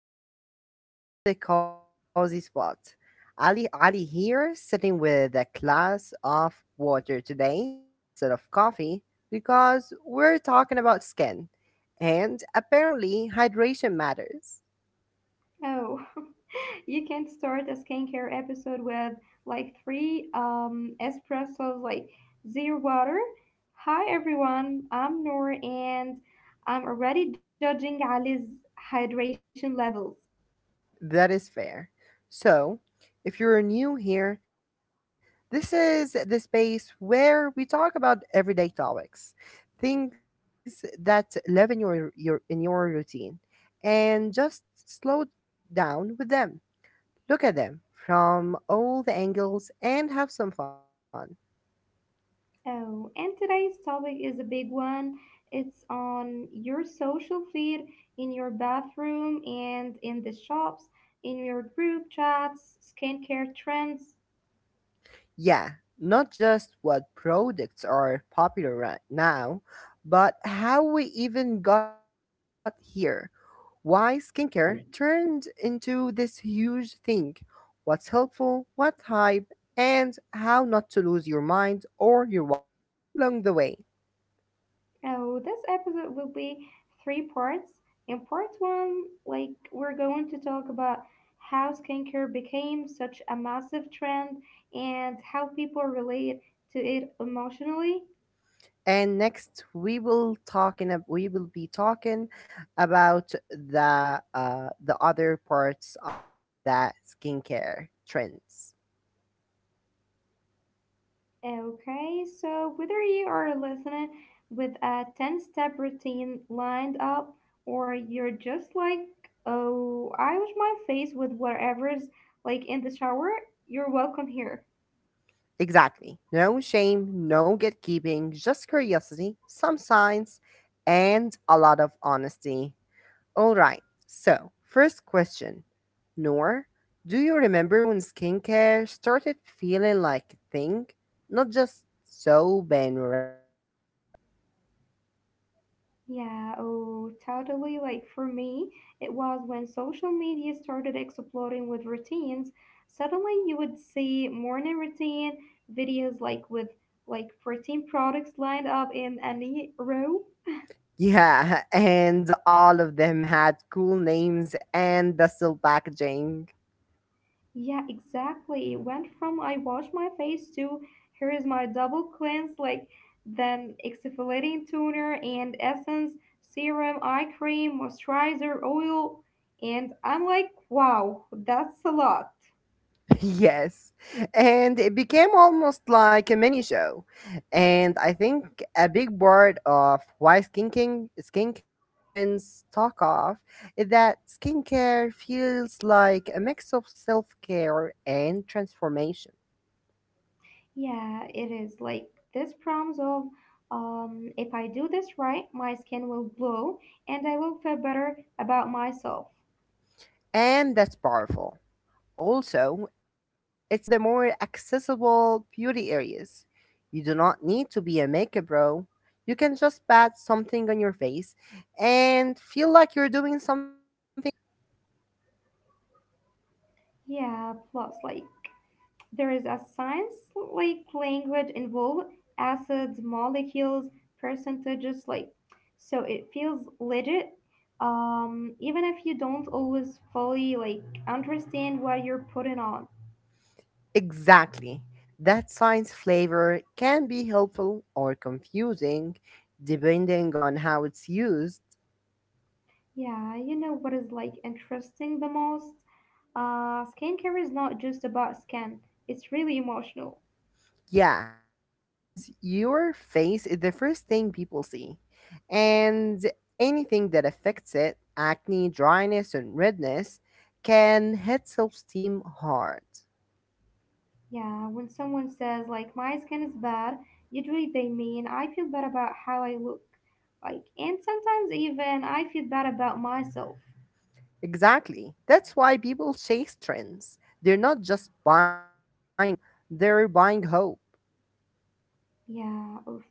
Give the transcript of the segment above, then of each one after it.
welcome back to the Cozy Spot. Ali here, sitting with a glass of water today instead of coffee because we're talking about skin and apparently hydration matters. Oh, you can start a skincare episode with like three espressos, like zero water. Hi everyone, I'm Noor and I'm already judging Ali's hydration levels. That is fair. So, if you're new here, this is the space where we talk about everyday topics, things that live in your routine, and just slow down with them. Look at them from all the angles and have some fun. Oh, and today's topic is a big one. It's on your social feed, in your bathroom, and in the shops, in your group chats, skincare trends. Yeah, not just what products are popular right now, but how we even got here why skincare turned into this huge thing, what's helpful, what hype, and how not to lose your mind or your wallet along the way. Oh, this episode will be three parts. In part one, like we're going to talk about how skincare became such a massive trend and how people relate to it emotionally. And next, we will be talking about the other parts of the skincare trends. Okay, so whether you are listening with a 10 step routine lined up or you're just like, oh, I wash my face with whatever's like in the shower, you're welcome here. Exactly. No shame, no gatekeeping, just curiosity, some science, and a lot of honesty. All right. So, first question. Noor, do you remember when skincare started feeling like a thing? Not just soap and random cream? Yeah, oh, totally. Like for me, it was when social media started exploding with routines. Suddenly, you would see morning routine videos like with like 14 products lined up in any row. Yeah, and all of them had cool names and the still packaging. Yeah, exactly. It went from I wash my face to here is my double cleanse, like then exfoliating toner and essence, serum, eye cream, moisturizer, oil. And I'm like, wow, that's a lot. Yes. And it became almost like a mini show. And I think a big part of why skincare trends talk off is that skincare feels like a mix of self care and transformation. Yeah, it is like this promise of if I do this right, my skin will glow and I will feel better about myself. And that's powerful. Also, it's one of the more accessible beauty areas. You do not need to be a makeup bro. You can just pat something on your face and feel like you're doing something good. Yeah, plus, like, there is a science like language involved, acids, molecules, percentages, like, so it feels legit. Even if you don't always fully like understand what you're putting on. Exactly. That science flavor can be helpful or confusing depending on how it's used. Yeah, you know what is like interesting the most? Skincare is not just about skin, it's really emotional. Yeah, because your face is the first thing people see. And anything that affects it, acne, dryness, and redness, can hit self esteem hard. Yeah, when someone says, like, my skin is bad, usually they mean I feel bad about how I look. Like, and sometimes even I feel bad about myself. Exactly. That's why people chase trends. They're not just buying a serum, they're buying hope. Yeah, oof.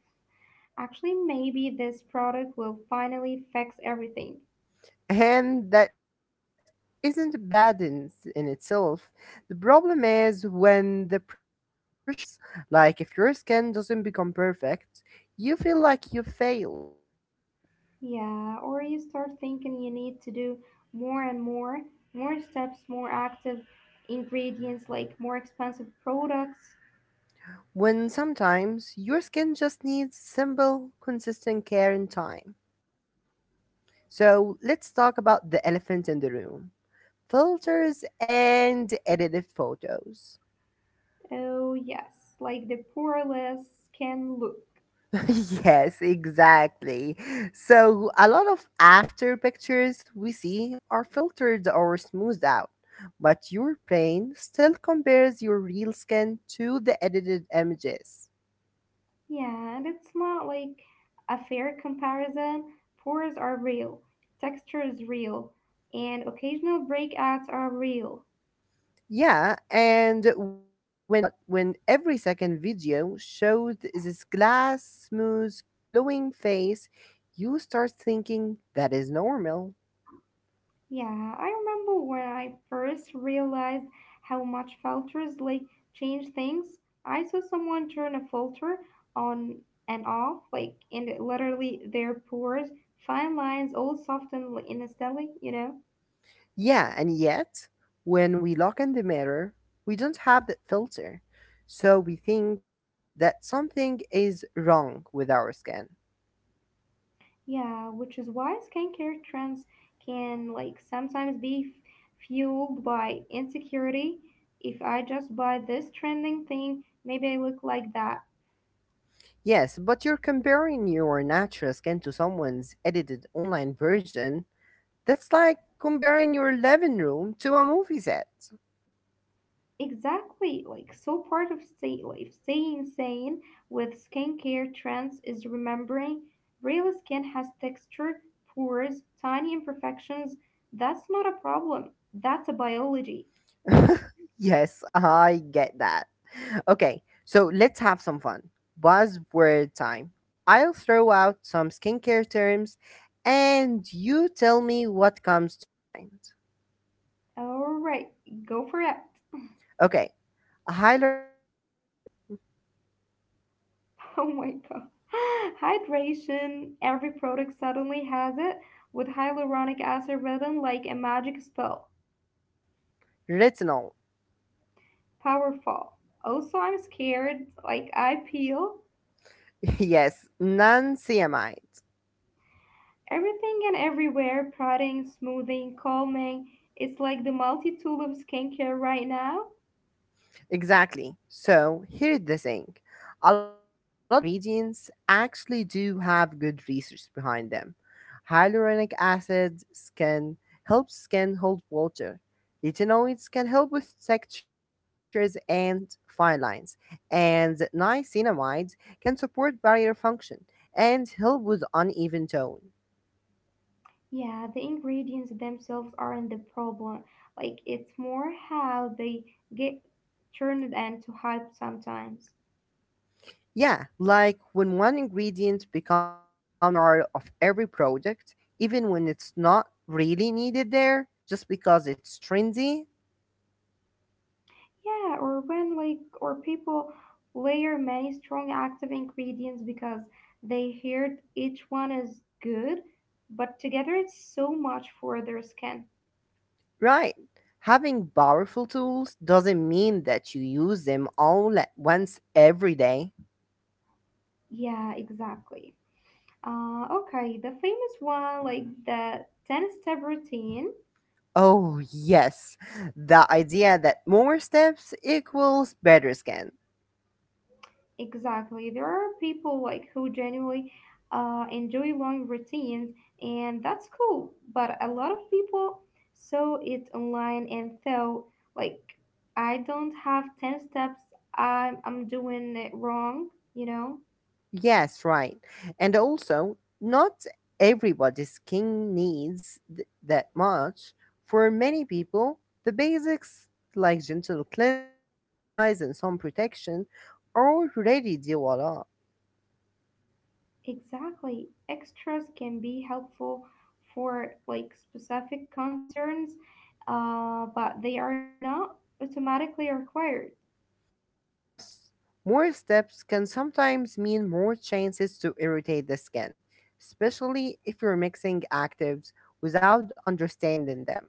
Actually, maybe this product will finally fix everything. And that hope isn't bad in itself. The problem is when the pressure builds. Like if your skin doesn't become perfect, you feel like you failed. Yeah, or you start thinking you need to do more and more, more steps, more active ingredients, like more expensive products. When sometimes your skin just needs simple, consistent care and time. So let's talk about the elephant in the room filters and edited photos. Oh, yes, like the poor list can look. Yes, exactly. So a lot of after pictures we see are filtered or smoothed out, but your brain still compares your real skin to the edited images. Yeah, and it's not like a fair comparison. Pores are real, texture is real, and occasional breakouts are real. Yeah, and when but when every second video shows this glass smooth glowing face, you start thinking that is normal. Yeah, I remember when I first realized how much filters like change things. I saw someone turn a filter on and off, like, and it literally their pores, fine lines, all softened like, in a instantly, you know? Yeah, and yet, when we look in the mirror, we don't have that filter. So we think that something is wrong with our skin. Yeah, which is why skincare trends can like sometimes be fueled by insecurity. If I just buy this trending thing, maybe I look like that. Yes, but you're comparing your natural skin to someone's edited online version. That's like comparing your living room to a movie set. Exactly, like so part of staying sane with skincare trends is remembering real skin has texture, pores, tiny imperfections. That's not a problem. That's a biology. Yes, I get that. Okay, so let's have some fun. Buzzword time. I'll throw out some skincare terms and you tell me what comes to mind. All right, go for it. Okay, hyaluronic acid, Oh my god. Hydration. Every product suddenly has it with hyaluronic acid written like a magic spell. retinol, Powerful. Also, I'm scared. Like I peel. yes, non CMI. Everything and everywhere, prodding, smoothing, calming. It's like the multi tool of skincare right now. Exactly. So here's the thing. A lot of these ingredients actually do have good research behind them. Hyaluronic acid can help skin hold water. Retinoids can help with textures and fine lines. And niacinamide can support barrier function and help with uneven tone. Yeah, the ingredients themselves aren't the problem. Like, it's more how they get turned into hype sometimes. Yeah, like when one ingredient becomes the star of every product, even when it's not really needed there, just because it's trendy. Yeah, or when, like, or people layer many strong active ingredients because they heard each one is good, but together it's so much for their skin. Right. Having powerful tools doesn't mean that you use them all at once every day. Yeah, exactly. Okay, the famous one, like the 10 step routine. Oh, yes, the idea that more steps equals better skin. Exactly. There are people like who genuinely enjoy long routines, and that's cool. But a lot of people saw it online and thought, like, I don't have 10 steps, I'm doing it wrong, you know? Yes, right. And also, not everybody's skin needs that much. For many people, the basics like gentle cleanse, moisturize, and sun protection already do a lot. Exactly. Extras can be helpful for like specific concerns, but they are not automatically required. Plus, more steps can sometimes mean more chances to irritate the skin, especially if you're mixing actives without understanding them.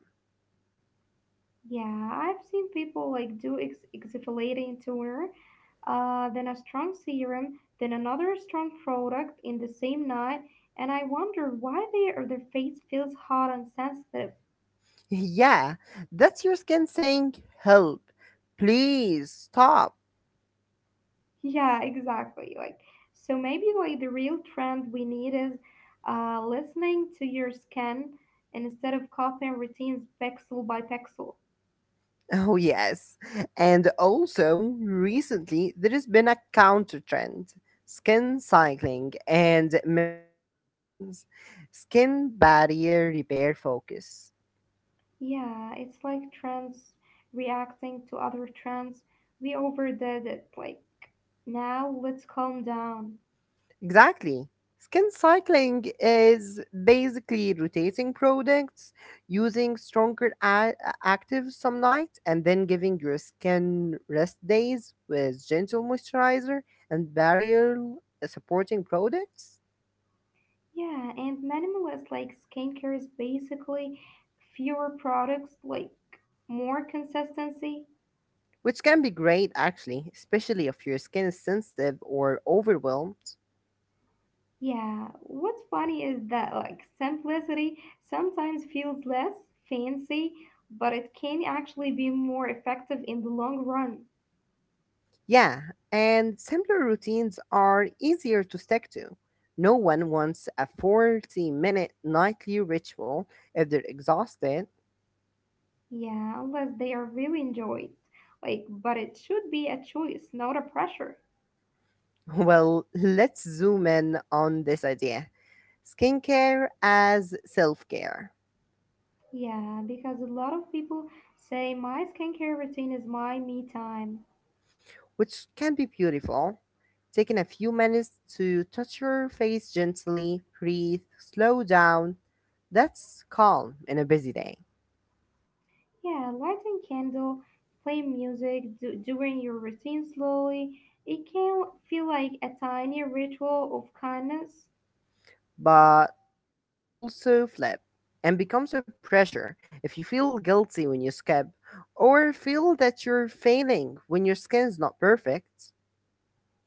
Yeah, I've seen people like do exfoliating toner, then a strong serum, then another strong product in the same night, and I wonder why they or their face feels hot and sensitive. Yeah, that's your skin saying, help, please stop. Yeah, exactly. Like, so maybe like the real trend we need is listening to your skin instead of copying routines pixel by pixel. Oh, yes. And also, recently, there has been a counter trend skin cycling and minimalist routines, skin barrier repair focus. Yeah, it's like trends reacting to other trends. We overdid it. Like, now let's calm down. Exactly. Skin cycling is basically rotating products, using stronger actives some night, and then giving your skin rest days with gentle moisturizer and barrier supporting products. Yeah, and minimalist like skincare is basically fewer products, like more consistency. Which can be great actually, especially if your skin is sensitive or overwhelmed. Yeah, what's funny is that like simplicity sometimes feels less fancy, but it can actually be more effective in the long run. Yeah, and simpler routines are easier to stick to. No one wants a 40-minute nightly ritual if they're exhausted. Yeah, unless they are really enjoyed. Like, but it should be a choice, not a pressure. Well, let's zoom in on this idea skincare as self care. Yeah, because a lot of people say my skincare routine is my me time. Which can be beautiful. Taking a few minutes to touch your face gently, breathe, slow down, that's calm in a busy day. Yeah, light a candle, play music, doing your routine slowly. It can feel like a tiny ritual of kindness. But it can also flip and becomes a pressure if you feel guilty when you skip or feel that you're failing when your skin's not perfect.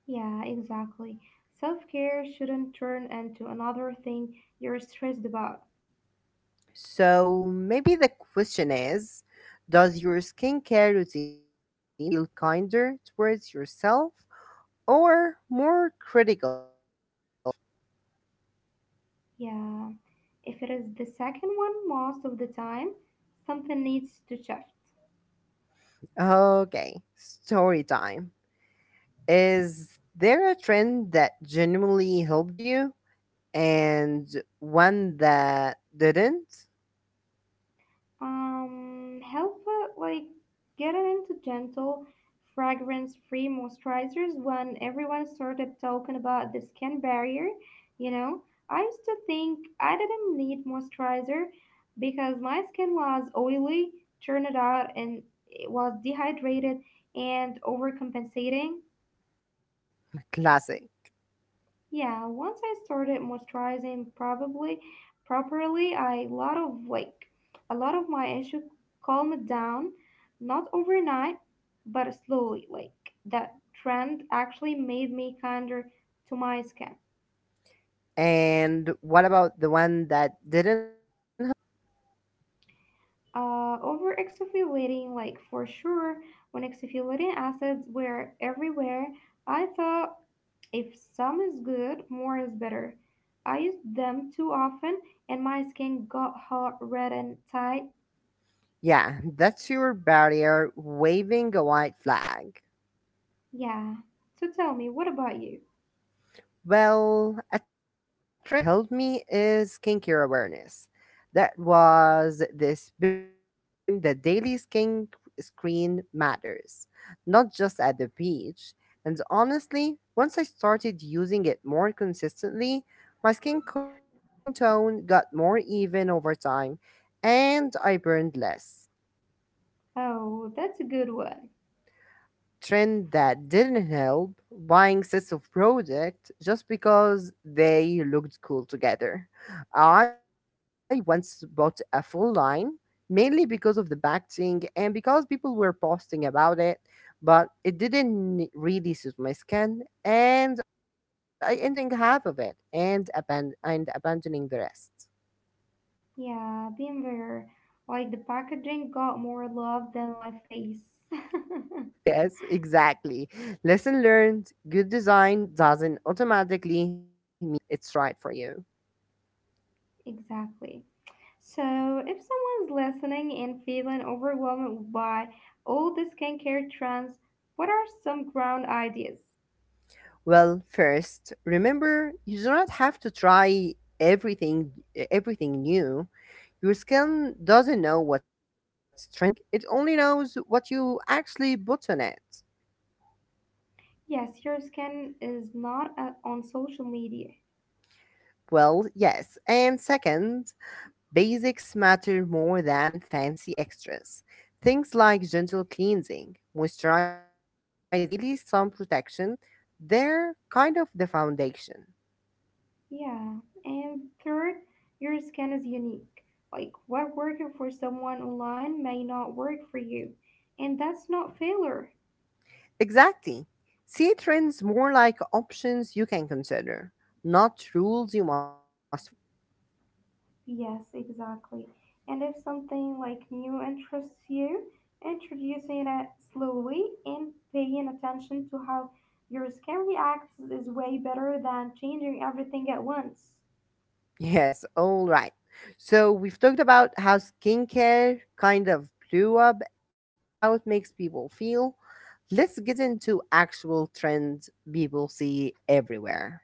Yeah, exactly. Self care shouldn't turn into another thing you're stressed about. So maybe the question is does your skincare routine make you feel kinder towards yourself or more critical of yourself? Yeah, if it is the second one most of the time, something needs to shift. Okay, story time. Is there a trend that genuinely helped you and one that didn't? Help like getting into gentle, fragrance-free moisturizers when everyone started talking about the skin barrier. You know, I used to think I didn't need moisturizer because my skin was oily, turned out, and it was dehydrated and overcompensating. Yeah, classic. Yeah, once I started moisturizing probably properly, I lot of like a lot of my issue calmed down, not overnight, but slowly. Like that trend actually made me kinder to my skin. And what about the one that didn't help? Over exfoliating, like for sure, when exfoliating acids were everywhere, I thought if some is good, more is better. I used them too often, and my skin got hot, red, and tight. Yeah, that's your barrier waving a white flag. Yeah. So tell me, what about you? Well, a trend that helped me is skincare awareness. That was this big push online that daily skin screen matters, not just at the beach. And honestly, once I started using it more consistently, my my skin tone got more even over time, and I burned less. Oh, that's a good one. Trend that didn't help buying sets of products just because they looked cool together. I once bought a full line mainly because of the packaging and because people were posting about it, but it didn't really suit my skin and I ended up using half of it and abandoning the rest. Yeah, been there. Like the packaging got more love than my face. Yes, exactly. Lesson learned, good design doesn't automatically mean it's right for you. Exactly. So, if someone's listening and feeling overwhelmed by all the skincare trends, what are some ground ideas? Well, first, remember you do not have to try everything everything new. Your skin doesn't know what's trending. It only knows what you actually put on it. Yes, your skin is not on social media. Well, yes. And second, basics matter more than fancy extras. Things like gentle cleansing, moisturizing, and daily sun protection, they're kind of the foundation. Yeah, and third, your skin is unique. Like what worked for someone online may not work for you, and that's not failure. Exactly. See trends more like options you can consider, not rules you must follow. Yes, exactly. And if something like new interests you, introducing it slowly and paying attention to how your skin reacts is way better than changing everything at once. Yes, all right. So we've talked about how skincare kind of blew up and how it makes people feel. Let's get into actual trends people see everywhere.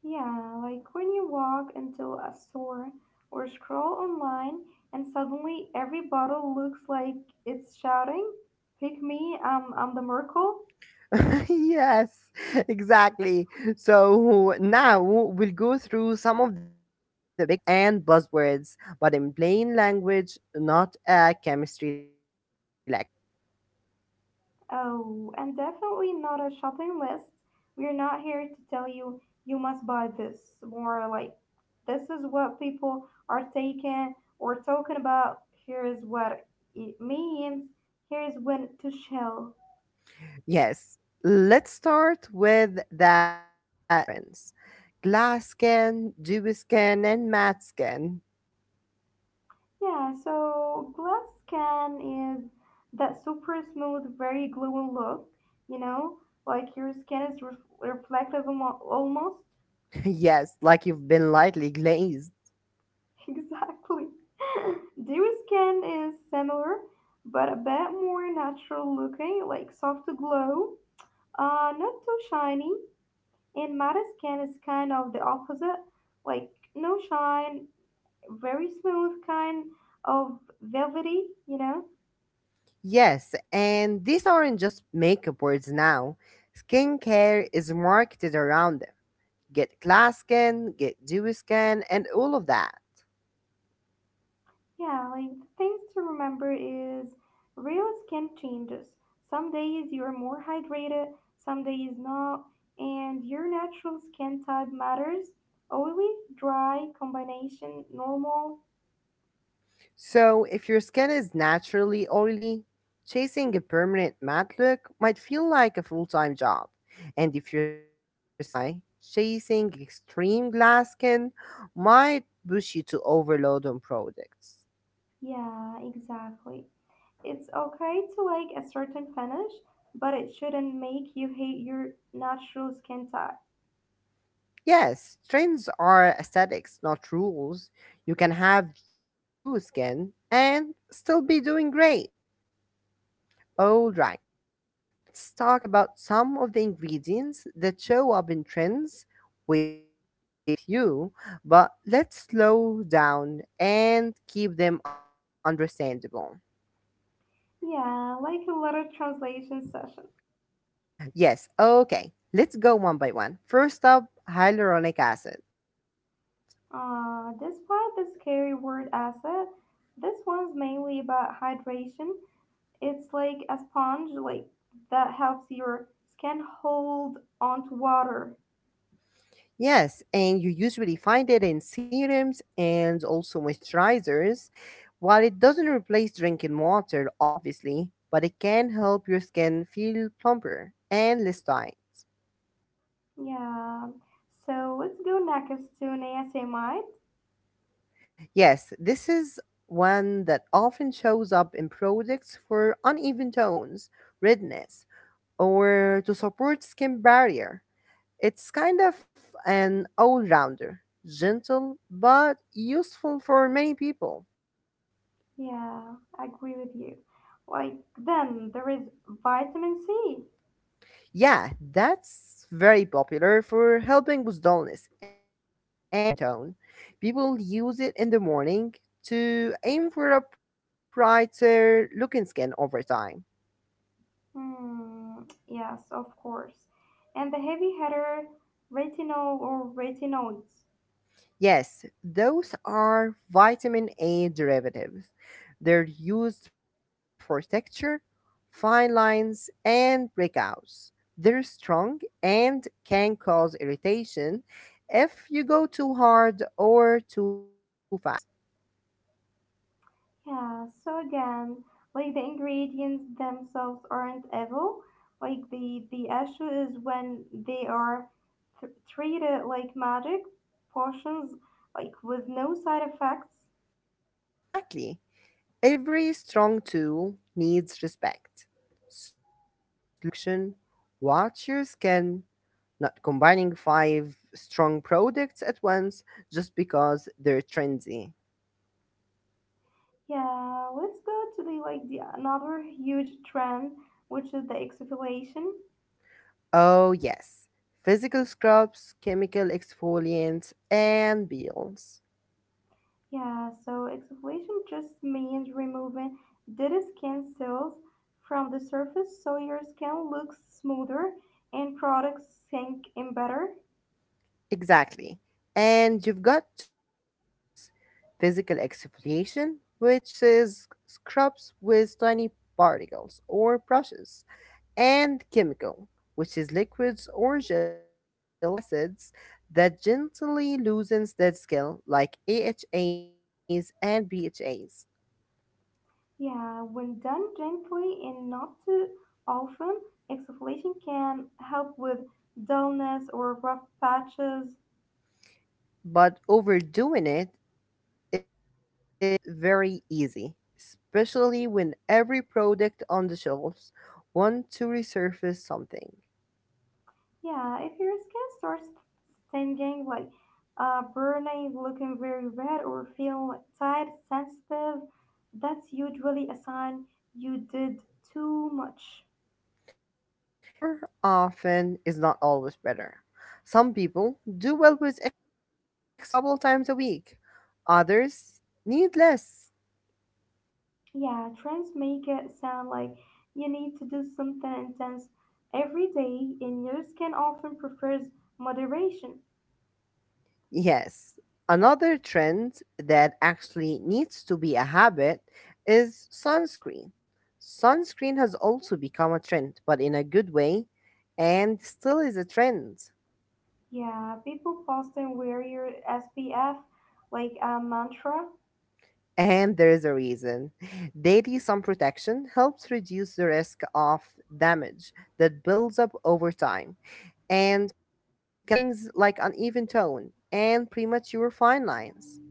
Yeah, like when you walk into a store or scroll online and suddenly every bottle looks like it's shouting, Pick me, I'm the Merkle. Yes, exactly. So now we'll go through some of the big trends and buzzwords, but in plain language, not a chemistry lecture. Oh, and definitely not a shopping list. We're not here to tell you you must buy this, more like this is what people are taking or talking about. Here is what it means. Here's when to shell. Yes, let's start with the look trends glass skin, dew skin, and matte skin. Yeah, so glass skin is that super smooth, very glowing look, you know, like your skin is reflective almost. Yes, like you've been lightly glazed. Exactly. Dew skin is similar, but a bit more natural looking, like soft glow, not too shiny. And matte skin is kind of the opposite, like no shine, very smooth, kind of velvety, you know. Yes, and these aren't just makeup words now, skincare is marketed around them get glass skin, get dewy skin, and all of that. Yeah, like the things to remember is real skin changes. Some days you're more hydrated, some days not, and your natural skin type matters. Oily, dry, combination, normal. So, if your skin is naturally oily, chasing a permanent matte look might feel like a full time job. And if your skin is dry, chasing extreme glass skin might push you to overload on products. Yeah, exactly. It's okay to like a certain finish, but it shouldn't make you hate your natural skin type. Yes, trends are aesthetics, not rules. You can have you skin and still be doing great. All right, let's talk about some of the ingredients that show up in trends. We already named a few, but let's slow down and keep them understandable. Yeah, like a lot of translation sessions. Yes, okay, let's go one by one. First up, hyaluronic acid. Despite the scary word acid, this one's mainly about hydration. It's like a sponge, like that helps your skin hold onto water. Yes, and you usually find it in serums and also moisturizers. While it doesn't replace drinking water, obviously, but it can help your skin feel plumper and less dry. Yeah. So let's go next to an ASMite. Yes, this is one that often shows up in products for uneven tones, redness, or to support skin barrier. It's kind of an all rounder, gentle but useful for many people. Yeah, I agree with you. Like then there is vitamin C. Yeah, that's very popular for helping with dullness and uneven tone. People use it in the morning to aim for a brighter looking skin over time. Hmm. Yes, of course. And the heavy hitter retinol or retinoids. Yes, those are vitamin A derivatives. They're used for texture, fine lines, and breakouts. They're strong and can cause irritation if you go too hard or too fast. Yeah, so again, like the ingredients themselves aren't evil. Like the issue is when they are treated like magic potions, like with no side effects. Exactly. Every strong tool needs respect. Slow introduction, watch your skin, not combining five strong products at once just because they're trendy. Yeah, let's go to the like the another huge trend, which is the exfoliation. Oh, yes, physical scrubs, chemical exfoliants, and peels. Yeah, so exfoliation just means removing dead skin cells from the surface so your skin looks smoother and products sink in better. Exactly. And you've got two main types physical exfoliation, which is scrubs with tiny particles or brushes and chemical, which is liquids or gels with acids that gently loosens the scale, like AHAs and BHAs. Yeah, when done gently and not too often, exfoliation can help with dullness or rough patches. But overdoing is very easy, especially when every product on the shelves want to resurface something. Yeah, if your skin starts stinging, like burning, looking very red, or feel tight, sensitive, that's usually a sign you did too much. And more often is not always better. Some people do well with exfoliating a couple times a week. Others need less. Yeah, trends make it sound like you need to do something intense every day, and your skin often prefers moderation. Yes. Another trend that actually needs to be a habit is sunscreen. Sunscreen has also become a trend, but in a good way, and still is a trend. Yeah, people often wear your SPF like a mantra. And there is a reason. Daily sun protection helps reduce the risk of damage that builds up over time and can help with things like uneven tone and premature fine lines.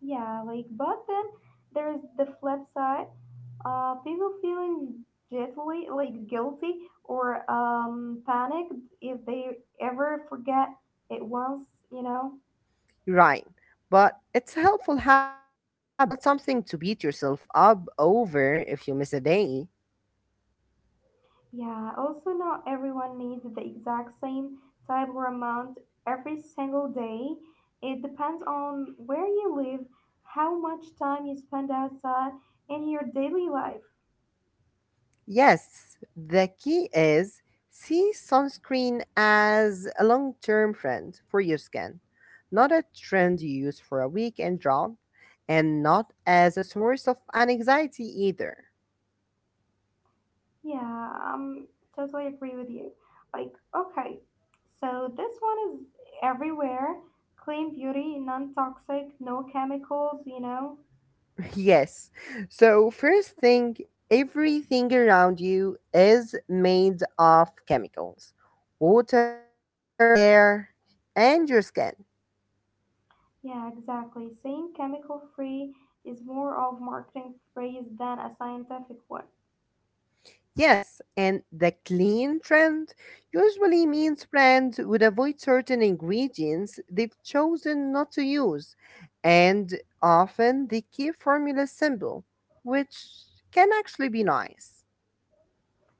Yeah, like but then there's the flip side. People feeling guilty, like guilty or panicked if they ever forget it once, you know. Right. But it's a helpful habit, not something to beat yourself up over if you miss a day. Yeah, also not everyone needs the exact same type or amount every single day. It depends on where you live, how much time you spend outside, in your daily life. Yes, the key is see sunscreen as a long term friend for your skin, not a trend you use for a weekend job, and not as a source of anxiety either. Yeah, totally agree with you. Like, okay, so this one is everywhere clean beauty, non toxic, no chemicals, you know? Yes. So, first thing, everything around you is made of chemicals water, air, and your skin. Yeah, exactly. Saying chemical free is more of marketing phrase than a scientific one. Yes, and the clean trend usually means brands would avoid certain ingredients they've chosen not to use, and often they keep formulas simple, which can actually be nice.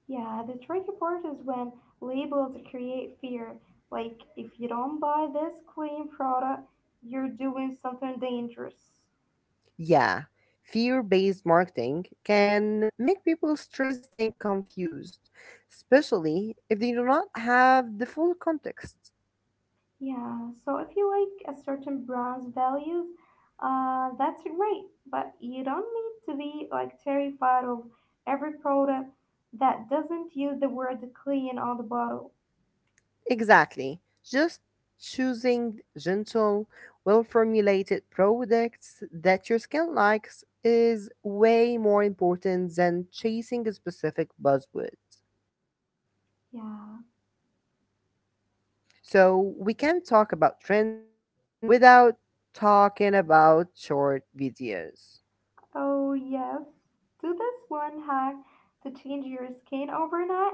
Yeah, the tricky part is when labels create fear. Like, if you don't buy this clean product, you're doing something dangerous. Yeah, fear based marketing can make people stressed and confused, especially if they do not have the full context. Yeah, so if you like a certain brand's values, that's great, but you don't need to be like terrified of every product that doesn't use the word clean on the bottle. Exactly. Just choosing gentle, well formulated products that your skin likes is way more important than chasing a specific buzzword. Yeah. So we can talk about trends without talking about short videos. Oh, yes. Do this one hack to change your skin overnight.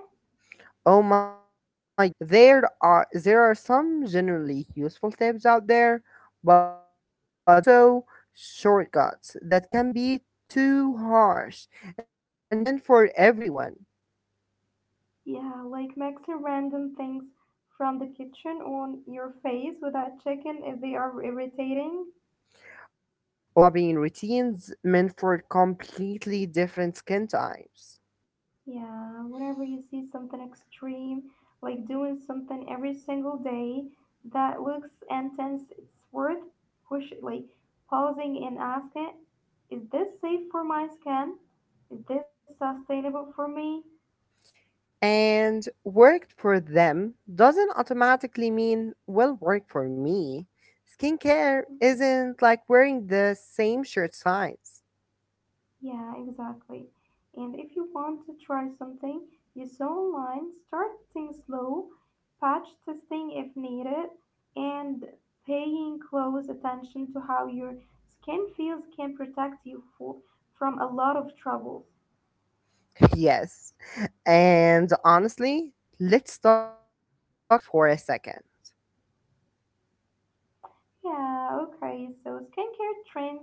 Oh my gosh. There are some generally useful tips out there, but there's also shortcuts that can be too harsh and just not meant for everyone. Yeah, like mixing random things from the kitchen on your face without checking if they are irritating. Or copying routines meant for completely different skin types. Yeah, whenever you see something extreme, like doing something every single day that looks intense, it's worth push like pausing and asking, is this safe for my skin? Is this sustainable for me? And worked for them doesn't automatically mean will work for me. Skincare isn't like wearing the same shirt size. Yeah, exactly. And if you want to try something you saw online, start things slow, patch testing if needed, and paying close attention to how your skin feels can protect you from a lot of troubles. Yes. And honestly, let's talk about the wallet for a second. Yeah, okay. So skincare trend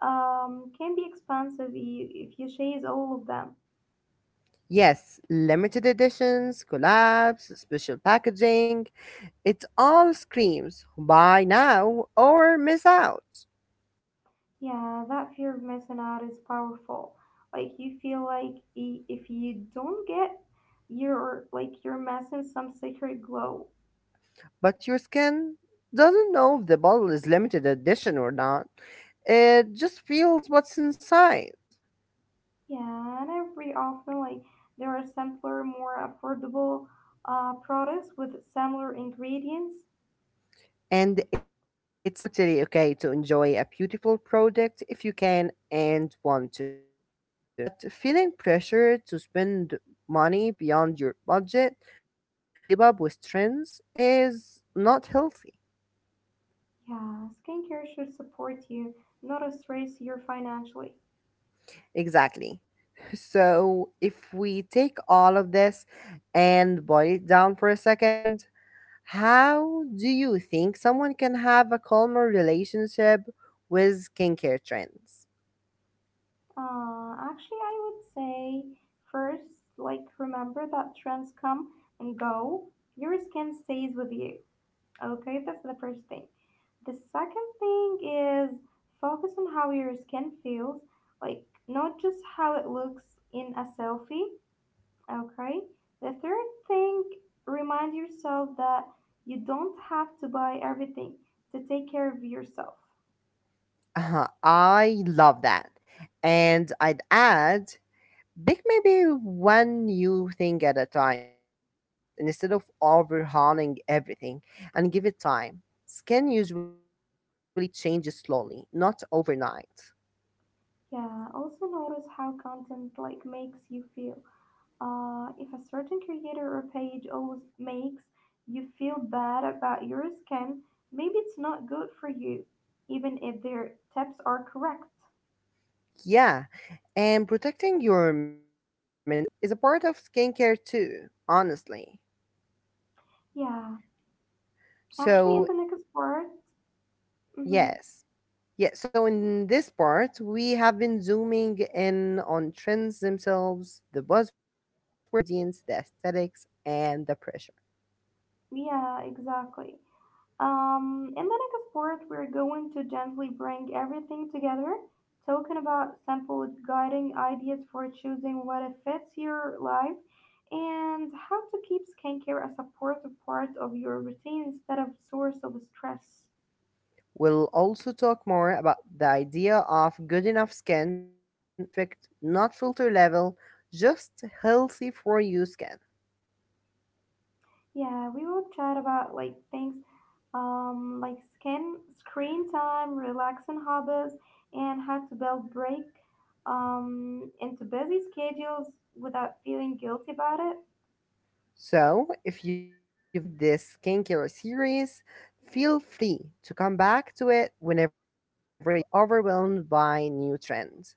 can be expensive if you chase all of them. Yes, limited editions, collabs, special packaging, it all screams buy now or miss out. Yeah, that fear of missing out is powerful. Like you feel like if you don't get, you're missing some secret glow. But your skin doesn't know if the bottle is limited edition or not. It just feels what's inside. Yeah, and every often like there are simpler, more affordable products with similar ingredients. And it's totally okay to enjoy a beautiful product if you can and want to. But feeling pressure to spend money beyond your budget just to keep up with trends is not healthy. Yeah, skincare should support you, not stress you financially. Exactly. So, if we take all of this and boil it down for a second, how do you think someone can have a calmer relationship with skincare trends? Actually, I would say first, like remember that trends come and go. Your skin stays with you. Okay, that's the first thing. The second thing is focus on how your skin feels, like not just how it looks in a selfie. Okay. The third thing, remind yourself that you don't have to buy everything to take care of yourself. Uh-huh, I love that. And I'd add bake maybe one new thing at a time if you're curious, instead of overhauling everything, and give it time. Skin usually changes slowly, not overnight. Yeah, also notice how content like makes you feel. If a certain creator or page always makes you feel bad about your skin, maybe it's not good for you, even if their tips are correct. Yeah, and protecting your mental space is a part of skincare too, honestly. Yeah, actually, in So, the next part. Hmm. yes. Yeah, so in this part, we have been zooming in on trends themselves, the buzzwords, ingredients, the aesthetics, and the pressure. Yeah, exactly. In the next part, we're going to gently bring everything together, talking about simple guiding ideas for choosing what fits your life and how to keep skincare a supportive part of your routine instead of source of stress. We'll also talk more about the idea of good enough skin, not perfect, not filter level, just healthy for you skin. Yeah, we will chat about like things like skin screen time, relaxing hobbies, and how to build break into busy schedules without feeling guilty about it. So, if you've enjoyed this skincare series, feel free to come back to it whenever you feel overwhelmed by new trends.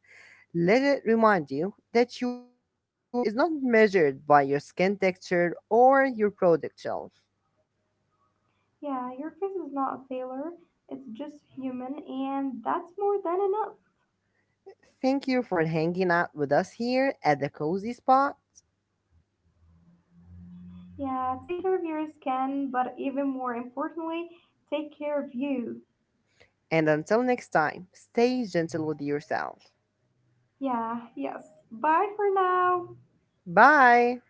Let it remind you that your worth is not measured by your skin texture or your product shelf. Yeah, your face is not a failure. It's just human, and that's more than enough. Thank you for hanging out with us here at the Cozy Spot. Yeah, take care of your skin, but even more importantly, take care of you. And until next time, stay gentle with yourself. Yeah, yes. Bye for now. Bye!